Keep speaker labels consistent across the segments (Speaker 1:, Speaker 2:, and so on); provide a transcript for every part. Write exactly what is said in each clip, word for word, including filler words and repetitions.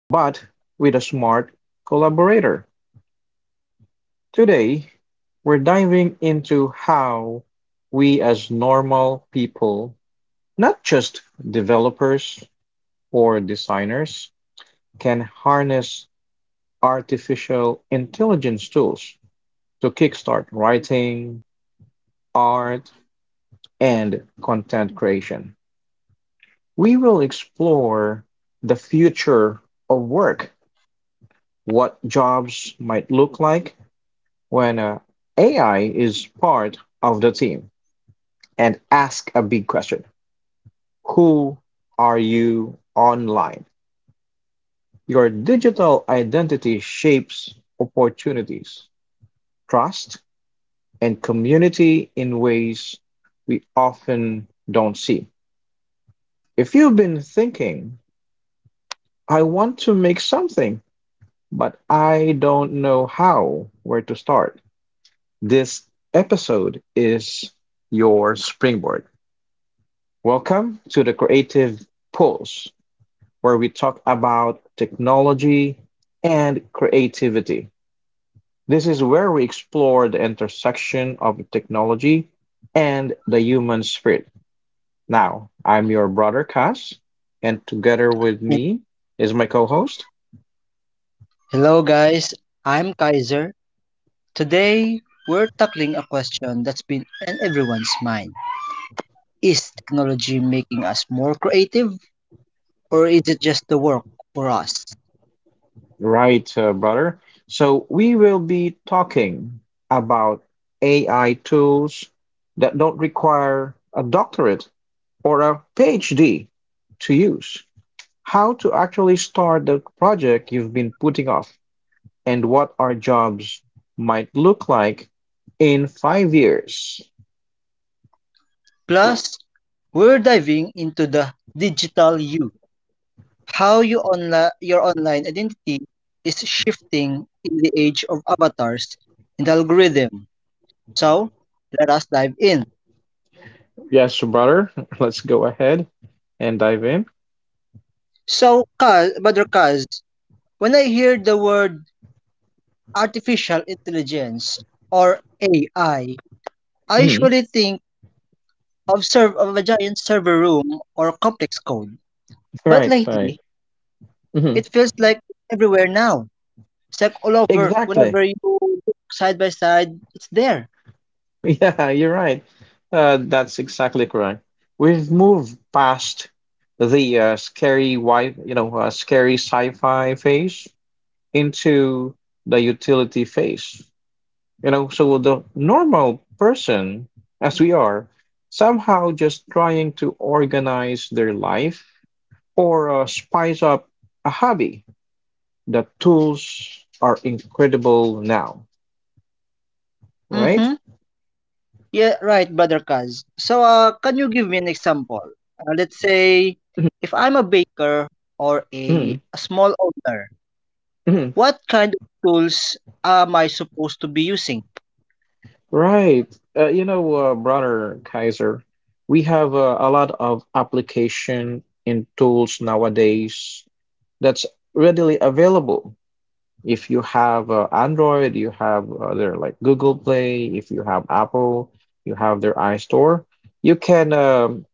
Speaker 1: but with a smart collaborator? Today, we're diving into how we, as normal people, not just developers or designers, can harness artificial intelligence tools to kickstart writing, art, and content creation. We will explore the future of work, what jobs might look like when uh, A I is part of the team, and ask a big question. Who are you online? Your digital identity shapes opportunities, trust, and community in ways we often don't see. If you've been thinking, I want to make something but I don't know how, where to start. This episode is your springboard. Welcome to the Creative Pulse, where we talk about technology and creativity. This is where we explore the intersection of technology and the human spirit. Now, I'm your brother Cass, and together with me is my co host.
Speaker 2: Hello, guys. I'm Kaiser. Today, we're tackling a question that's been in everyone's mind. Is technology making us more creative, or is it just the work for us?
Speaker 1: Right, uh, brother. So we will be talking about A I tools that don't require a doctorate or a PhD to use. How to actually start the project you've been putting off, and what our jobs might look like in five years.
Speaker 2: Plus, we're diving into the digital you, how you onla- your online identity is shifting in the age of avatars and algorithm. So, let us dive in.
Speaker 1: Yes, brother. Let's go ahead and dive in.
Speaker 2: So, Kaz, Brother Kaz, when I hear the word artificial intelligence, or A I, I I
Speaker 1: Mhm.
Speaker 2: usually think of, serv- of a giant server room or complex code. But
Speaker 1: Right, right.
Speaker 2: lately,
Speaker 1: Mhm.
Speaker 2: it feels like everywhere now. It's like all over,
Speaker 1: Exactly.
Speaker 2: whenever you look side by side, it's there.
Speaker 1: Yeah, you're right. Uh, that's exactly correct. We've moved past the uh, scary wi you know, uh, scary sci-fi phase into the utility phase. You know, so the normal person, as we are, somehow just trying to organize their life or uh, spice up a hobby. The tools are incredible now, right?
Speaker 2: Mm-hmm. Yeah, right, brother Kaz. So, uh, can you give me an example? Uh, let's say, if I'm a baker or a, a small owner, what kind of tools am I supposed to be using?
Speaker 1: Right. Uh, you know, uh, brother Kaiser, we have uh, a lot of application and tools nowadays that's readily available. If you have uh, Android, you have uh, their like Google Play, if you have Apple, you have their iStore, you can um,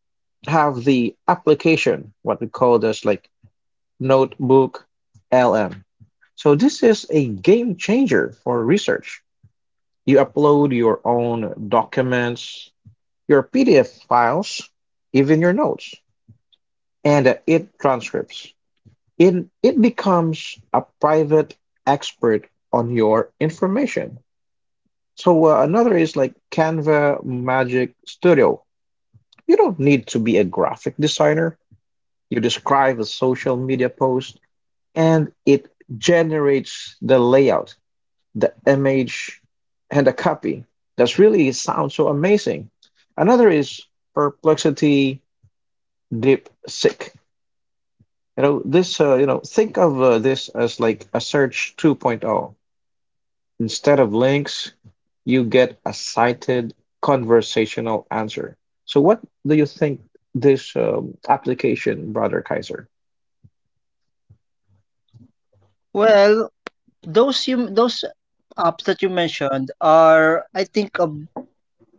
Speaker 1: have the application, what we call this like Notebook L M. So this is a game changer for research. You upload your own documents, your P D F files, even your notes, and uh, it transcripts. It, it becomes a private expert on your information. So uh, another is like Canva Magic Studio. You don't need to be a graphic designer. You describe a social media post and it generates the layout, the image, and the copy. That's really sounds so amazing. Another is Perplexity DeepSeek. You know, this, uh, you know, think of uh, this as like a search 2.0. Instead of links, you get a cited conversational answer. So, what do you think this um, application, Brother Kaiser?
Speaker 2: Well, Those you those apps that you mentioned are, I think, uh,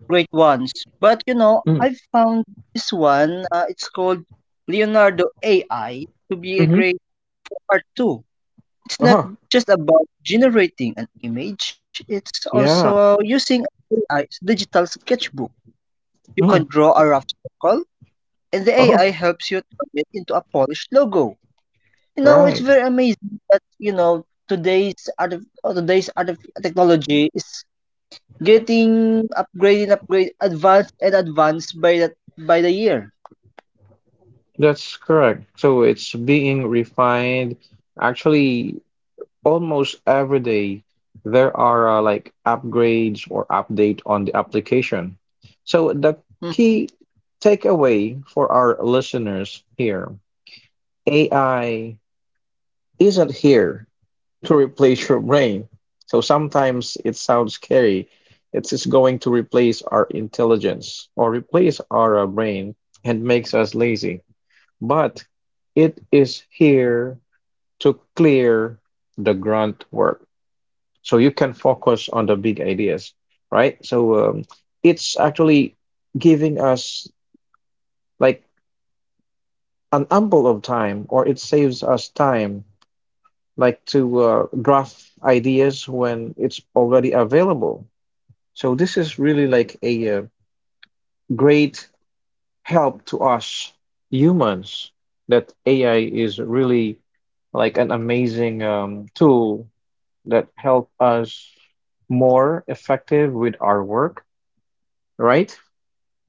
Speaker 2: great ones. But you know,
Speaker 1: Mm,
Speaker 2: I found this one. Uh, it's called Leonardo A I to be a
Speaker 1: hmm
Speaker 2: great part too. It's not
Speaker 1: huh.
Speaker 2: just about generating an image. It's also
Speaker 1: yeah.
Speaker 2: using A I's digital sketchbook. You can
Speaker 1: Mm,
Speaker 2: draw a rough circle, and the
Speaker 1: huh.
Speaker 2: A I helps you turn it into a polished logo. You know, it's
Speaker 1: right.
Speaker 2: very amazing that you know today's art, today's art technology is getting upgraded, upgrade advanced and advanced by that by the year.
Speaker 1: That's correct. So, it's being refined. Actually, almost every day there are uh, like upgrades or update on the application. So the
Speaker 2: Hmm.
Speaker 1: key takeaway for our listeners here, A I isn't here to replace your brain. So sometimes it sounds scary. It's just going to replace our intelligence or replace our uh, brain and makes us lazy. But it is here to clear the grunt work so you can focus on the big ideas, right? So um, it's actually giving us like an ample of time, or it saves us time like to uh, graph ideas when it's already available. So this is really like a uh, great help to us humans that AI is really like an amazing um, tool that help us more effective with our work, right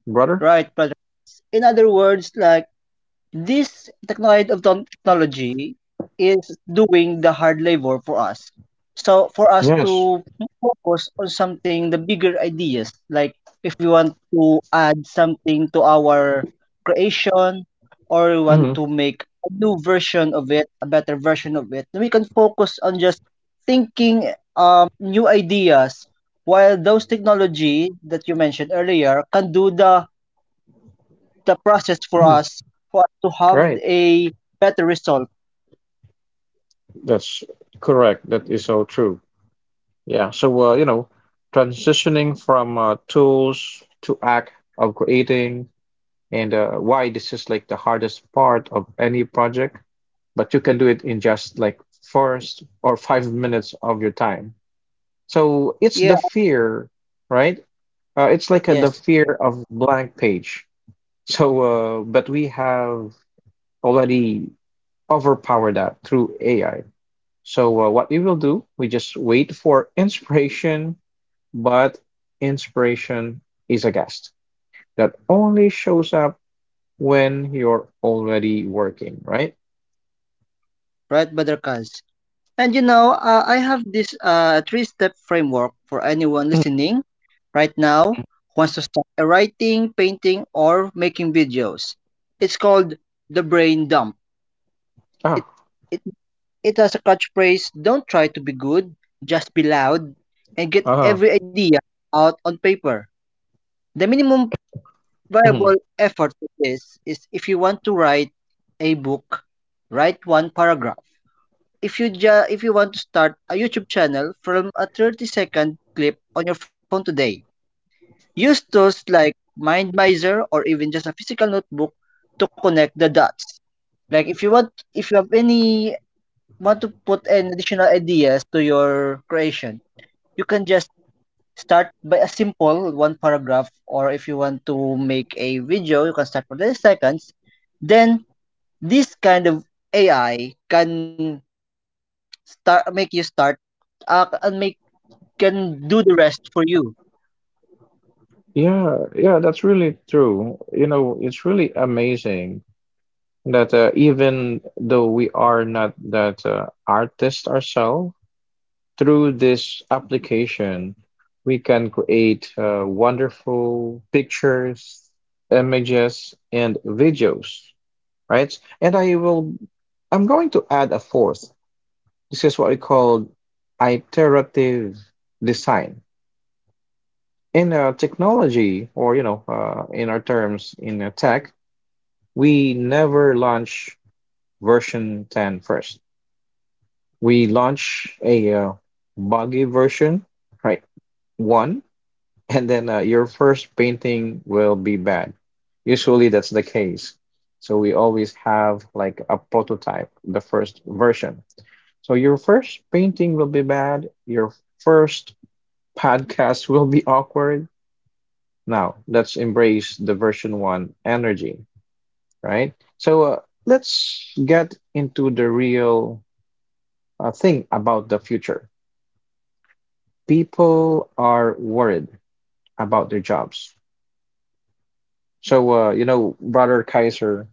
Speaker 1: brother?
Speaker 2: Right, but in other words, like, this technology of ton- technology is doing the hard labor for us. So for us
Speaker 1: Yes.
Speaker 2: to focus on something, the bigger ideas, like if we want to add something to our creation, or we want
Speaker 1: hmm
Speaker 2: to make a new version of it, a better version of it, then we can focus on just thinking um, new ideas, while those technology that you mentioned earlier can do the the process for
Speaker 1: hmm
Speaker 2: us, for us to have
Speaker 1: Right.
Speaker 2: a better result.
Speaker 1: That's correct. That is so true. Yeah. So, uh, you know, transitioning from uh, tools to act of creating, and uh, why this is like the hardest part of any project, but you can do it in just like first or five minutes of your time. So it's
Speaker 2: Yeah.
Speaker 1: the fear, right? Uh, it's like uh the
Speaker 2: Yes.
Speaker 1: fear of blank page. So, uh, but we have already overpower that through A I. So uh, what we will do, we just wait for inspiration, but inspiration is a guest that only shows up when you're already working, right?
Speaker 2: Right, brother Badarkaz. And you know, uh, I have this uh, three-step framework for anyone
Speaker 1: Mm-hmm.
Speaker 2: listening right now
Speaker 1: hmm
Speaker 2: who wants to start a writing, painting, or making videos. It's called the brain dump.
Speaker 1: Ah,
Speaker 2: It it it has a catchphrase: "Don't try to be good, just be loud," and get
Speaker 1: ah.
Speaker 2: every idea out on paper. The minimum
Speaker 1: Mhm.
Speaker 2: viable effort with this is if you want to write a book, write one paragraph. If you ju- if you want to start a YouTube channel from a thirty second clip on your phone today, use tools like MindMizer or even just a physical notebook to connect the dots. Like if you want, if you have any want to put an additional ideas to your creation, you can just start by a simple one paragraph, or if you want to make a video, you can start for thirty seconds. Then this kind of A I can start make you start uh, and make can do the rest for you.
Speaker 1: Yeah, yeah, that's really true. You know, it's really amazing that uh, even though we are not that uh, artist ourselves, through this application, we can create uh, wonderful pictures, images, and videos, right? And I will, I'm going to add a fourth. This is what we call iterative design. In uh, technology, or you know, uh, in our terms in uh, tech, we never launch version ten first. We launch a uh, buggy version, right? One, and then uh, your first painting will be bad. Usually that's the case. So we always have like a prototype, the first version. So your first painting will be bad. Your first podcast will be awkward. Now let's embrace the version one energy, right? So uh, let's get into the real uh, thing about the future. People are worried about their jobs. So uh, you know, brother Kaiser,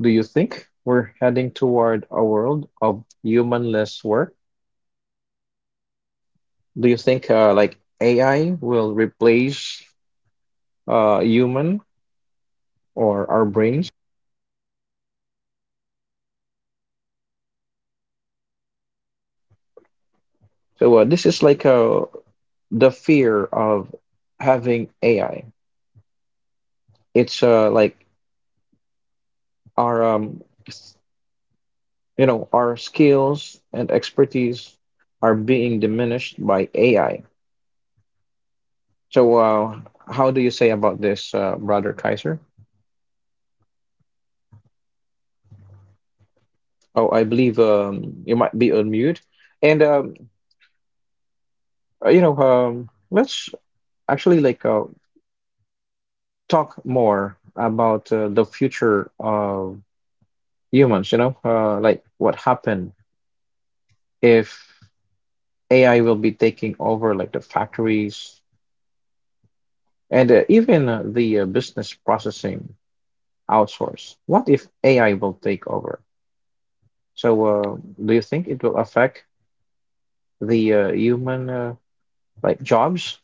Speaker 1: do you think we're heading toward a world of human-less work? Do you think uh, like A I will replace uh, human or our brains? So uh, this is like uh, the fear of having A I. It's uh, like our um, s- you know our skills and expertise are being diminished by A I. So uh, how do you say about this, uh, Brother Kaiser? Oh, I believe um, you might be on mute. And um, uh, you know, um, let's actually like uh, talk more about uh, the future of humans. You know, uh, like what happened if A I will be taking over like the factories and uh, even uh, the uh, business processing outsource. What if A I will take over? So, uh, do you think it will affect the uh, human uh, like jobs?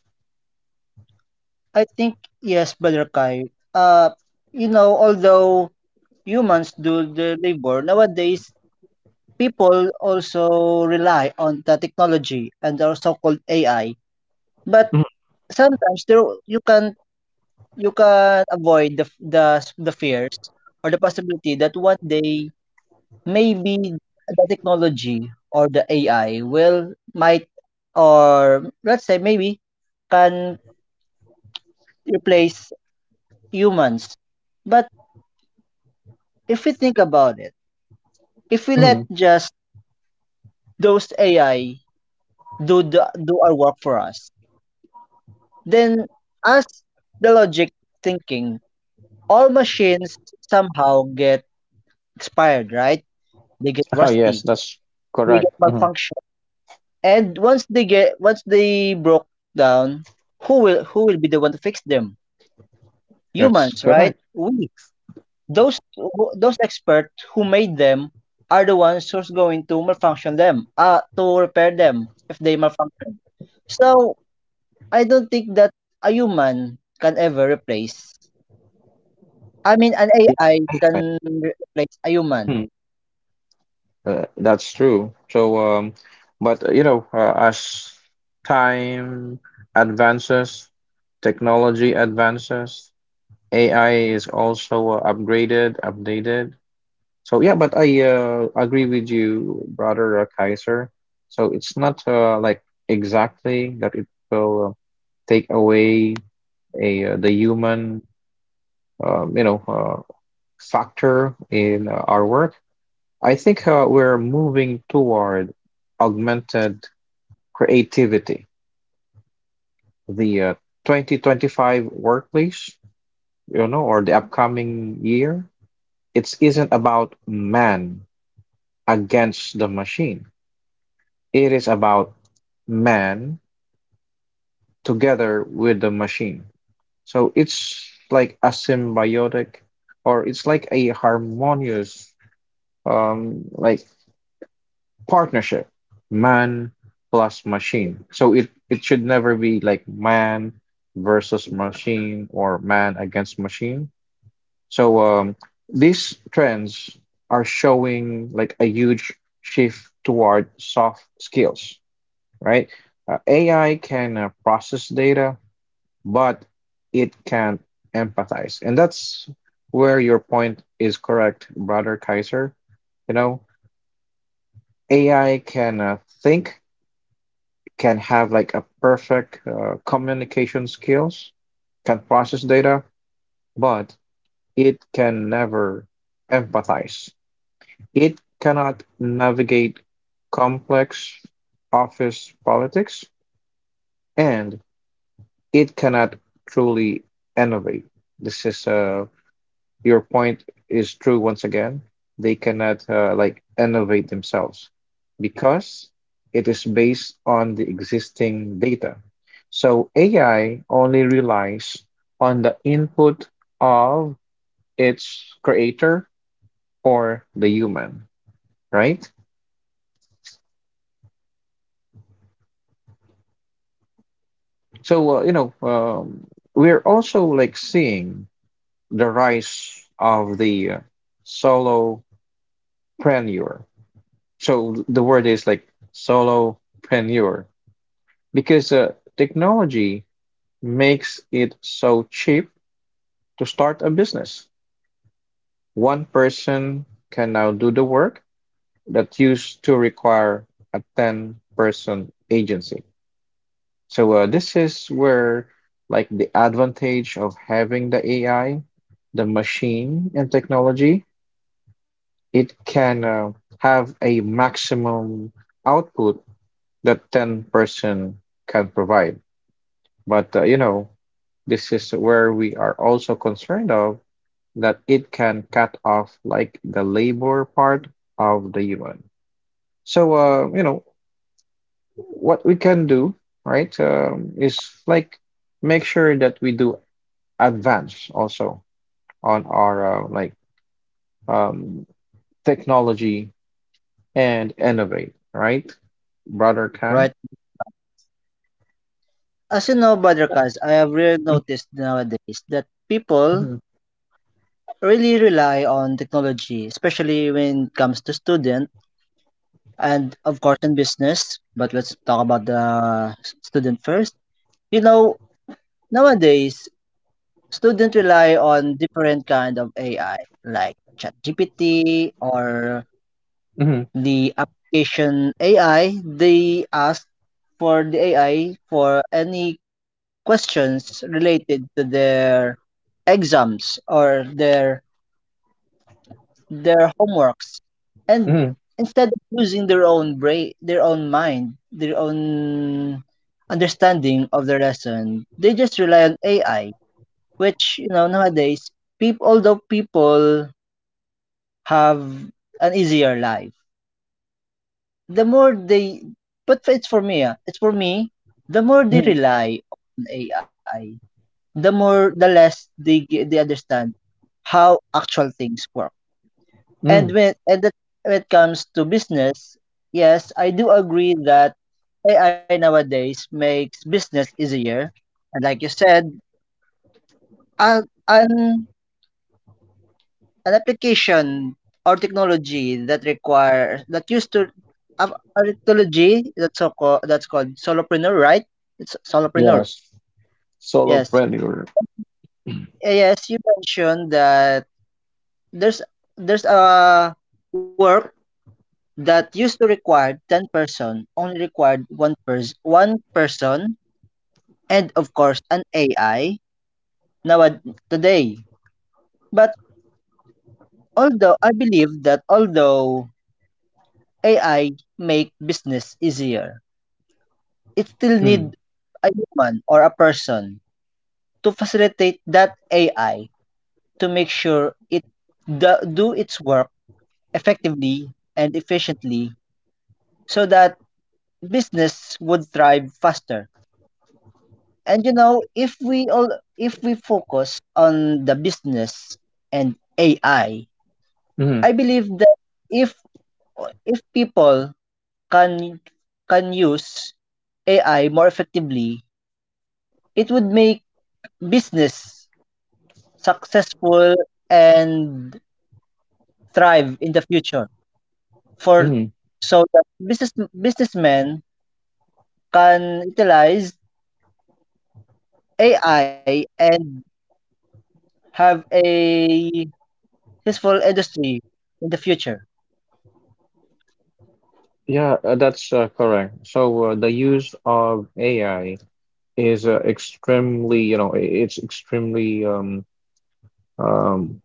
Speaker 2: I think yes, Brother Kai. Uh, you know, although humans do the labor nowadays, people also rely on the technology and our so-called A I. But
Speaker 1: Mhm,
Speaker 2: sometimes there you can you can avoid the f- the s- the fears or the possibility that one day maybe the technology or the A I will might, or let's say maybe can replace humans. But if we think about it, if we let
Speaker 1: mhm.
Speaker 2: just those A I do the, do our work for us, then as the logic thinking, all machines somehow get expired, right? They get
Speaker 1: Oh,
Speaker 2: rusty.
Speaker 1: yes, that's
Speaker 2: They get
Speaker 1: correct. Mhm.
Speaker 2: malfunction. And once they get once they broke down, who will who will be the one to fix them?
Speaker 1: That's
Speaker 2: Humans, right?
Speaker 1: correct.
Speaker 2: We those who- those experts who made them are the ones who's going to malfunction them, uh, to repair them if they malfunction. So I don't think that a human can ever replace. I mean, an
Speaker 1: Yeah,
Speaker 2: A I
Speaker 1: A I.
Speaker 2: can re- replace a human,
Speaker 1: Mhm. Uh, that's true. So, um, but uh, you know, uh, as time advances, technology advances, A I is also uh, upgraded, updated. So, yeah, but I uh, agree with you, brother uh, Kaiser. So it's not uh, like exactly that it will uh, take away a uh, the human, um, you know. uh, factor in uh, our work. I think uh, we're moving toward augmented creativity. The uh, twenty twenty-five workplace, you know, or the upcoming year, it isn't about man against the machine. It is about man together with the machine. So it's like a symbiotic, or it's like a harmonious, um, like partnership, man plus machine. So it it should never be like man versus machine or man against machine. So um these trends are showing like a huge shift toward soft skills, right? Uh, AI can uh, process data, but it can't empathize, and that's where your point is correct, brother Kaiser. You know, AI can uh, think, can have like a perfect uh, communication skills, can process data, but it can never empathize. It cannot navigate complex office politics, and it cannot truly innovate. This is uh, your point is true once again. They cannot uh, like innovate themselves because it is based on the existing data. So A I only relies on the input of its creator or the human, right? So uh, you know, um, we're also like seeing the rise of the uh, solopreneur. So the word is like solopreneur. Because the technology makes it so cheap to start a business. One person can now do the work that used to require a ten-person agency. So uh, this is where like the advantage of having the A I, the machine and technology, it can uh, have a maximum output that ten person can provide. But uh, you know, this is where we are also concerned of, that it can cut off like the labor part of the human. So uh, you know what we can do, right? Um, is like make sure that we do advance also on our uh, like um, technology and innovate, right, brother Kai?
Speaker 2: right? As you know, Brother
Speaker 1: Yeah.
Speaker 2: Kaz, I have really
Speaker 1: hmm
Speaker 2: noticed nowadays that people
Speaker 1: hmm
Speaker 2: really rely on technology, especially when it comes to student, and of course in business. But let's talk about the student first. You know, nowadays students rely on different kind of A I like ChatGPT or the application A I. They ask for the A I for any questions related to their exams or their their homeworks, and
Speaker 1: hmm
Speaker 2: instead of using their own brain, their own mind, their own understanding of the lesson, they just rely on ai, which you know nowadays, people although people have an easier life, the more they but it's for me ah, it's for me the more they
Speaker 1: hmm
Speaker 2: rely on ai, the more the less they ge- they understand how actual things work.
Speaker 1: hmm
Speaker 2: And when and that when it comes to business, yes, I do agree that A I nowadays makes business easier. And like you said, an an, an application or technology that requires that used to a, a technology that's so called, that's called solopreneur, right? It's solopreneur.
Speaker 1: Yes.
Speaker 2: Yes,
Speaker 1: Solopreneur.
Speaker 2: yes. You mentioned that there's there's a work that used to require ten person, only required one person one person and of course an A I now today. But although I believe that although A I make business easier, it still
Speaker 1: Mm-hmm.
Speaker 2: need a human or a person to facilitate that A I, to make sure it do, do its work effectively and efficiently so that business would thrive faster. And you know, if we all if we focus on the business and A I, I I believe that if if people can can use A I more effectively, it would make business successful and thrive in the future. For so that business businessmen can utilize A I and have a successful industry in the future.
Speaker 1: Yeah, uh, that's uh, correct. So uh, the use of A I is uh, extremely, you know, i- it's extremely um, um,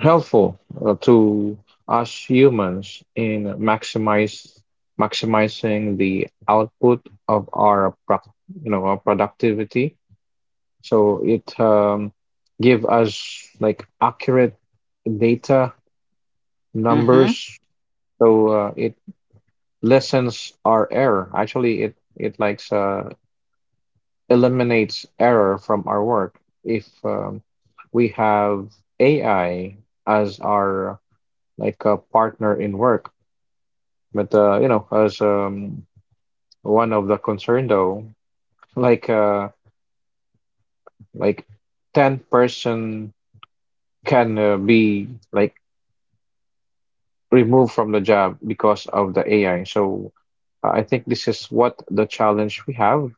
Speaker 1: helpful uh, to us humans in maximize maximizing the output of our, pro you know, our productivity. So it um, give us like accurate data
Speaker 2: Hmm.
Speaker 1: numbers. So uh, it lessens our error. Actually, it it likes uh, eliminates error from our work if um, we have A I as our like a partner in work. But uh, you know, as um, one of the concern though, like uh, like ten person can uh, be like removed from the job because of the A I. So uh, I think this is what the challenge we have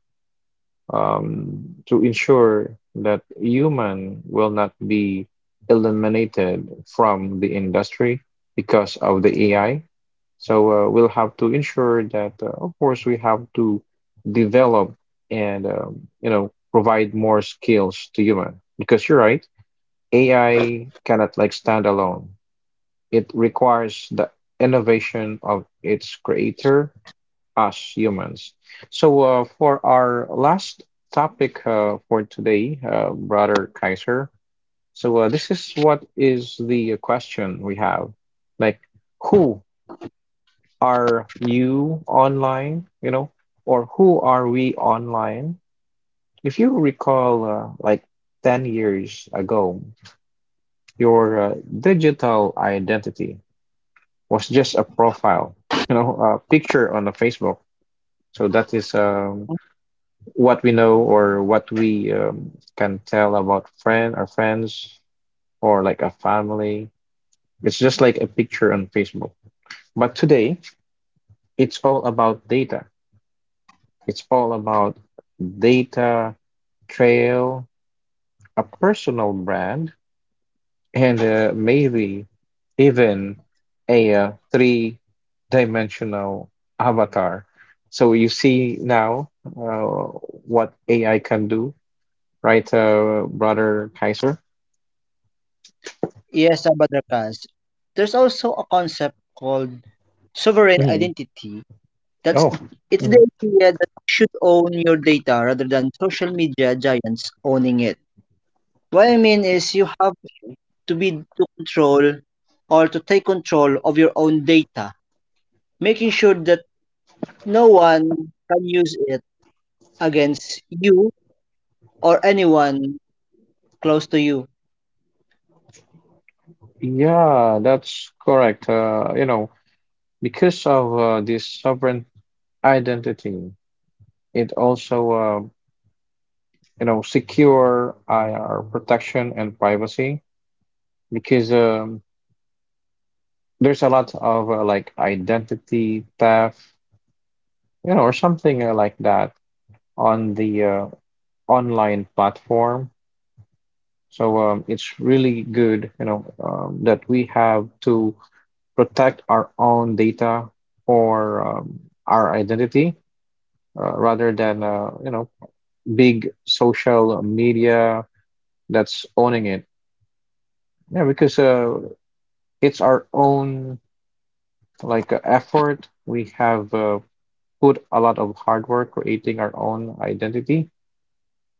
Speaker 1: um, to ensure that human will not be eliminated from the industry because of the A I. So uh, we'll have to ensure that, uh, of course, we have to develop and um, you know provide more skills to human because you're right, A I cannot like stand alone. It requires the innovation of its creator us humans. So, uh, for our last topic uh, for today, uh, Brother Kaiser, so uh, this is what is the question we have, like, who are you online, you know, or who are we online? If you recall, uh, like ten years ago, your uh, digital identity was just a profile, you know, a picture on a Facebook. So that is um what we know or what we um, can tell about friend our friends, or like a family. It's just like a picture on Facebook. But today, it's all about data. It's all about data trail, a personal brand, and uh, maybe even a uh, three dimensional avatar. So you see now, uh, what A I can do, right, uh, brother kaiser?
Speaker 2: Yes, Sabadakas. There's also a concept called sovereign
Speaker 1: Mhm.
Speaker 2: identity. That's
Speaker 1: Oh,
Speaker 2: it's the
Speaker 1: mhm.
Speaker 2: idea that you should own your data rather than social media giants owning it. What I mean is you
Speaker 1: Oh,
Speaker 2: have
Speaker 1: mhm.
Speaker 2: to be to control or to take control of your own data, making sure that no one can use it against you or anyone close to you.
Speaker 1: Yeah, that's correct. Uh, you know, because of uh, this sovereign identity, it also, uh, you know, secure I R protection and privacy because um, there's a lot of uh, like identity theft, you know, or something uh, like that on the uh, online platform. So um, it's really good, you know, um, that we have to. Protect our own data or um, our identity uh, rather than uh, you know big social media that's owning it. Yeah, because uh, it's our own, like, uh, effort. We have uh, put a lot of hard work creating our own identity,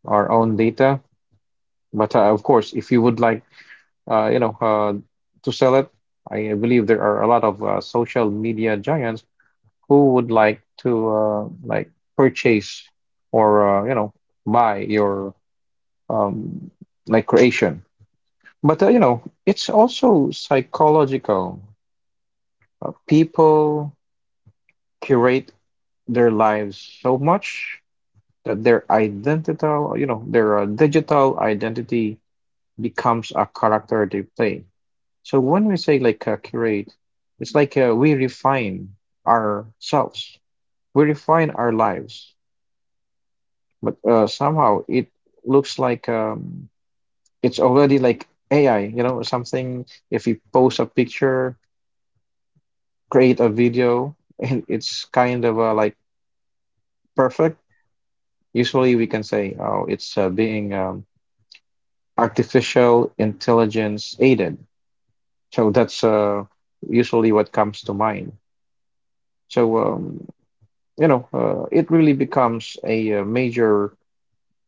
Speaker 1: our own data. But uh, of course, if you would like, uh, you know, uh, to sell it, I believe there are a lot of uh, social media giants who would like to uh, like purchase or uh, you know buy your um, like creation. But, uh, you know it's also psychological. Uh, people curate their lives so much that their identical, you know their uh, digital identity becomes a character they play. So when we say, like, uh, curate, it's like uh, we refine ourselves, we refine our lives. But uh, somehow it looks like um, it's already like A I, you know, something. If you post a picture, create a video, and it's kind of uh, like perfect. Usually we can say, oh, it's uh, being um, artificial intelligence aided. So that's uh, usually what comes to mind. So, um, you know, uh, it really becomes a, uh major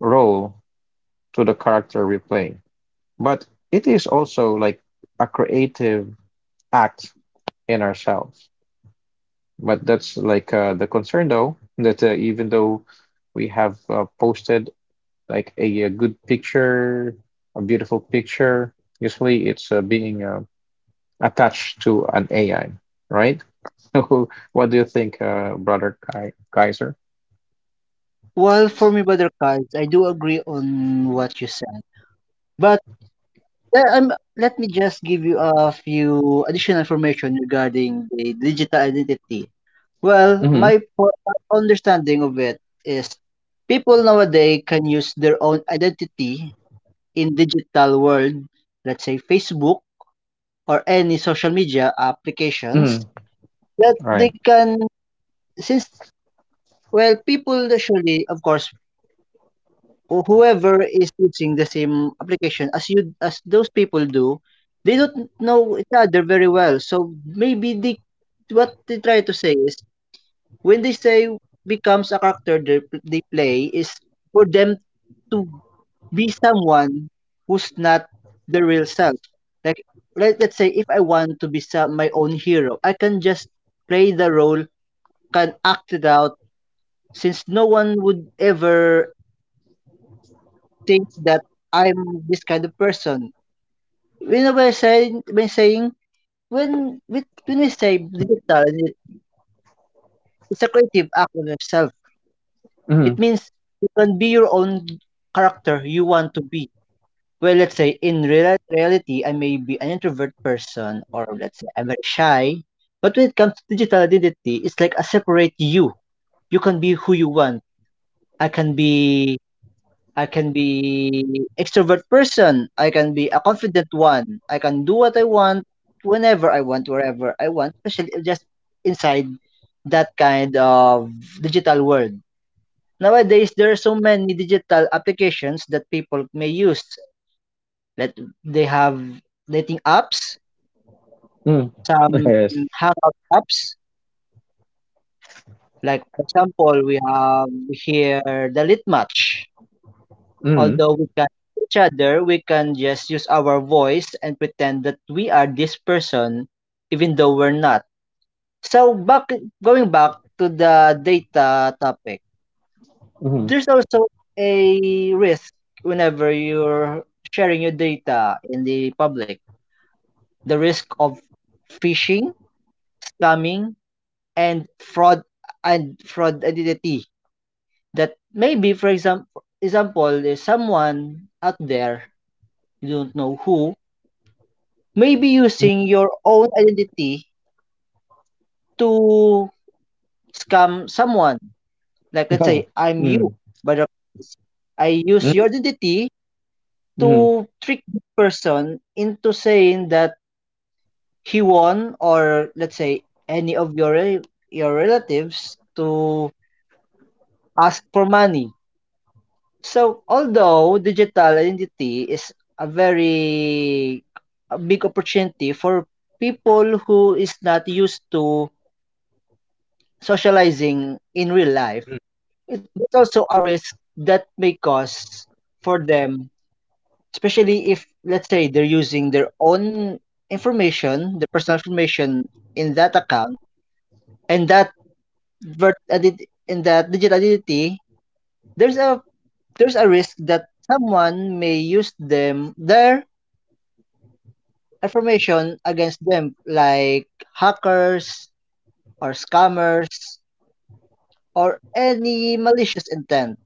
Speaker 1: role to the character we play. But it is also like a creative act in ourselves. But that's, like, uh, the concern, though, that uh, even though we have uh, posted like a, a good picture, a beautiful picture. Usually it's uh, being uh, attached to an A I, right? So, what do you think, uh, brother Kai Kaiser?
Speaker 2: Well, for me, Brother Cards, I do agree on what you said. But yeah, um, let me just give you a few additional information regarding the digital identity. Well,
Speaker 1: Hmm.
Speaker 2: my po- understanding of it is people nowadays can use their own identity in digital world, let's say Facebook or any social media applications
Speaker 1: Hmm.
Speaker 2: that they
Speaker 1: Right.
Speaker 2: can. Since well people usually of course who- whoever is using the same application as you as those people do, they don't know each other very well, so maybe they what they try to say is when they say becomes a character they, they play, is for them to be someone who's not the real self. Like let, let's say if I want to be some, my own hero, I can just play the role, can act it out, since no one would ever think that I'm this kind of person. You know, by saying by saying when we when we say
Speaker 1: Hmm.
Speaker 2: digital, it's a creative act on yourself. It means you can be your own character you want to be. Well, let's say in real, reality, I may be an introvert person, or let's say I'm very shy. But when it comes to digital identity, it's like a separate you. You can be who you want. I can be I can be extrovert person, I can be a confident one, I can do what I want whenever I want, wherever I want, especially if just inside that kind of digital world. Nowadays, there are so many digital applications that people may use. Let they have dating apps,
Speaker 1: Hmm.
Speaker 2: some
Speaker 1: Yes.
Speaker 2: hangout apps. Like for example, we have here the Lit Match.
Speaker 1: Hmm.
Speaker 2: Although we can't see each other, we can just use our voice and pretend that we are this person, even though we're not. So back going back to the data topic,
Speaker 1: Hmm.
Speaker 2: there's also a risk whenever you're sharing your data in the public. The risk of phishing, scamming, and fraud and fraud identity. That maybe, for example, example, there's someone out there you don't know who maybe
Speaker 1: Hmm.
Speaker 2: using your own identity to scam someone. Like let's say I'm you,
Speaker 1: Hmm.
Speaker 2: but uh, I use your identity
Speaker 1: Hmm.
Speaker 2: to trick the person into saying that he won, or let's say any of your rel- your relatives to ask for money. So although digital identity is a very a big opportunity for people who is not used to socializing in real life,
Speaker 1: Hmm.
Speaker 2: it- it's also a risk that may cause for them, especially if, let's say, they're using their own information, their personal information in that account, and that vert- ident- in that digital identity, there's a there's a risk that someone may use them their information against them, like hackers or scammers or any malicious intent.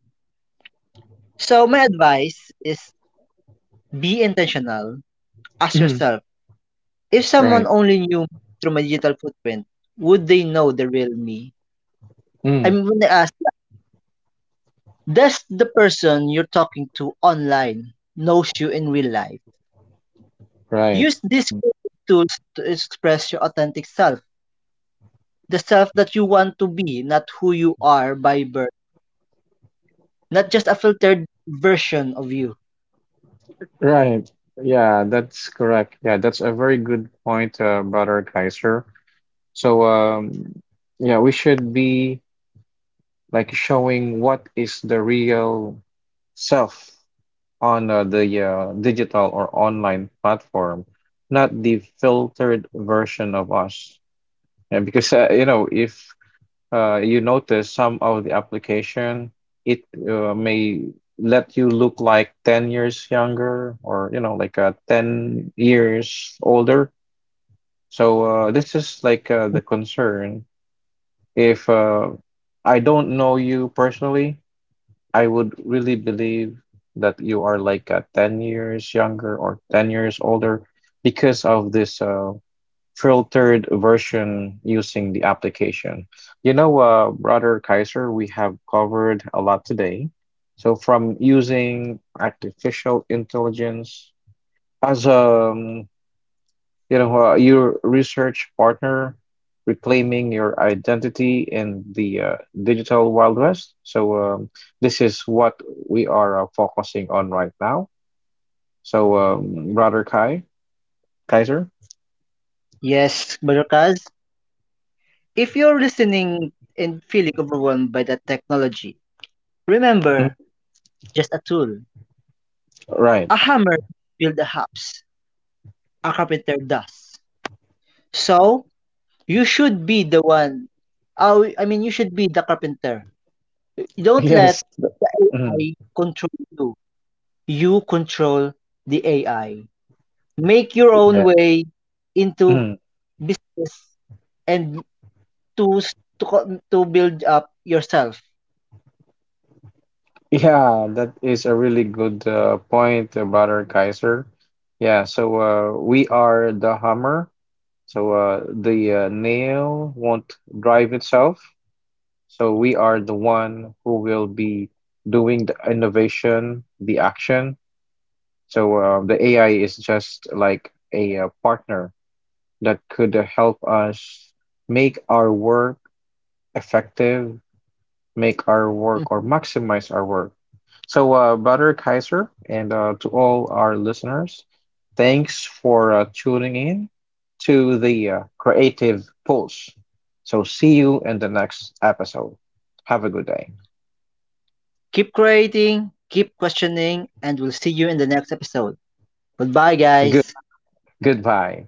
Speaker 2: So my advice is be intentional. Ask
Speaker 1: Hmm.
Speaker 2: yourself, if someone
Speaker 1: Right.
Speaker 2: only knew through my digital footprint, would they know the real me? I
Speaker 1: Mm.
Speaker 2: mean, when I ask, does the person you're talking to online knows you in real life?
Speaker 1: Right.
Speaker 2: Use these
Speaker 1: Mm.
Speaker 2: creative tools to express your authentic self, the self that you want to be, not who you are by birth, not just a filtered version of you.
Speaker 1: Right. Yeah, that's correct. Yeah, that's a very good point, uh, Brother Kaiser. So, um, yeah, we should be, like, showing what is the real self on uh, the uh, digital or online platform, not the filtered version of us. Yeah, because uh, you know, if uh, you notice some of the application, it uh, may let you look like ten years younger or, you know, like uh, ten years older. So uh, this is, like, uh, the concern. If uh, I don't know you personally, I would really believe that you are, like, uh, ten years younger or ten years older because of this uh, filtered version using the application. You know, uh, Brother Kaiser, we have covered a lot today. So, from using artificial intelligence as um, you know, uh, your research partner, reclaiming your identity in the uh, digital Wild West. So, um, this is what we are uh, focusing on right now. So, um, Brother Kai, Kaiser.
Speaker 2: Yes, Barakaz, if you're listening and feeling overwhelmed by that technology, remember,
Speaker 1: Mhm.
Speaker 2: just a tool.
Speaker 1: Right?
Speaker 2: A hammer builds a house. A carpenter does. So you should be the one. Oh, I mean, you should be the carpenter. You don't let
Speaker 1: Yes. The,
Speaker 2: the
Speaker 1: mhm.
Speaker 2: A I control you. You control the A I. Make your own way
Speaker 1: Yes.
Speaker 2: into
Speaker 1: Mm.
Speaker 2: business and to to co- to build up yourself.
Speaker 1: Yeah, that is a really good uh, point, uh, Brother Kaiser. Yeah, so uh, we are the hammer. So uh, the uh, nail won't drive itself. So we are the one who will be doing the innovation, the action. So uh, the A I is just like a uh, partner that could uh, help us make our work effective, make our work or
Speaker 2: Mhm.
Speaker 1: maximize our work. So, uh, Brother Kaiser, and uh, to all our listeners, thanks for uh, tuning in to the uh, Creative Pulse. So, see you in the next episode. Have a good day.
Speaker 2: Keep creating, keep questioning, and we'll see you in the next episode. Goodbye, guys.
Speaker 1: Good day. Goodbye.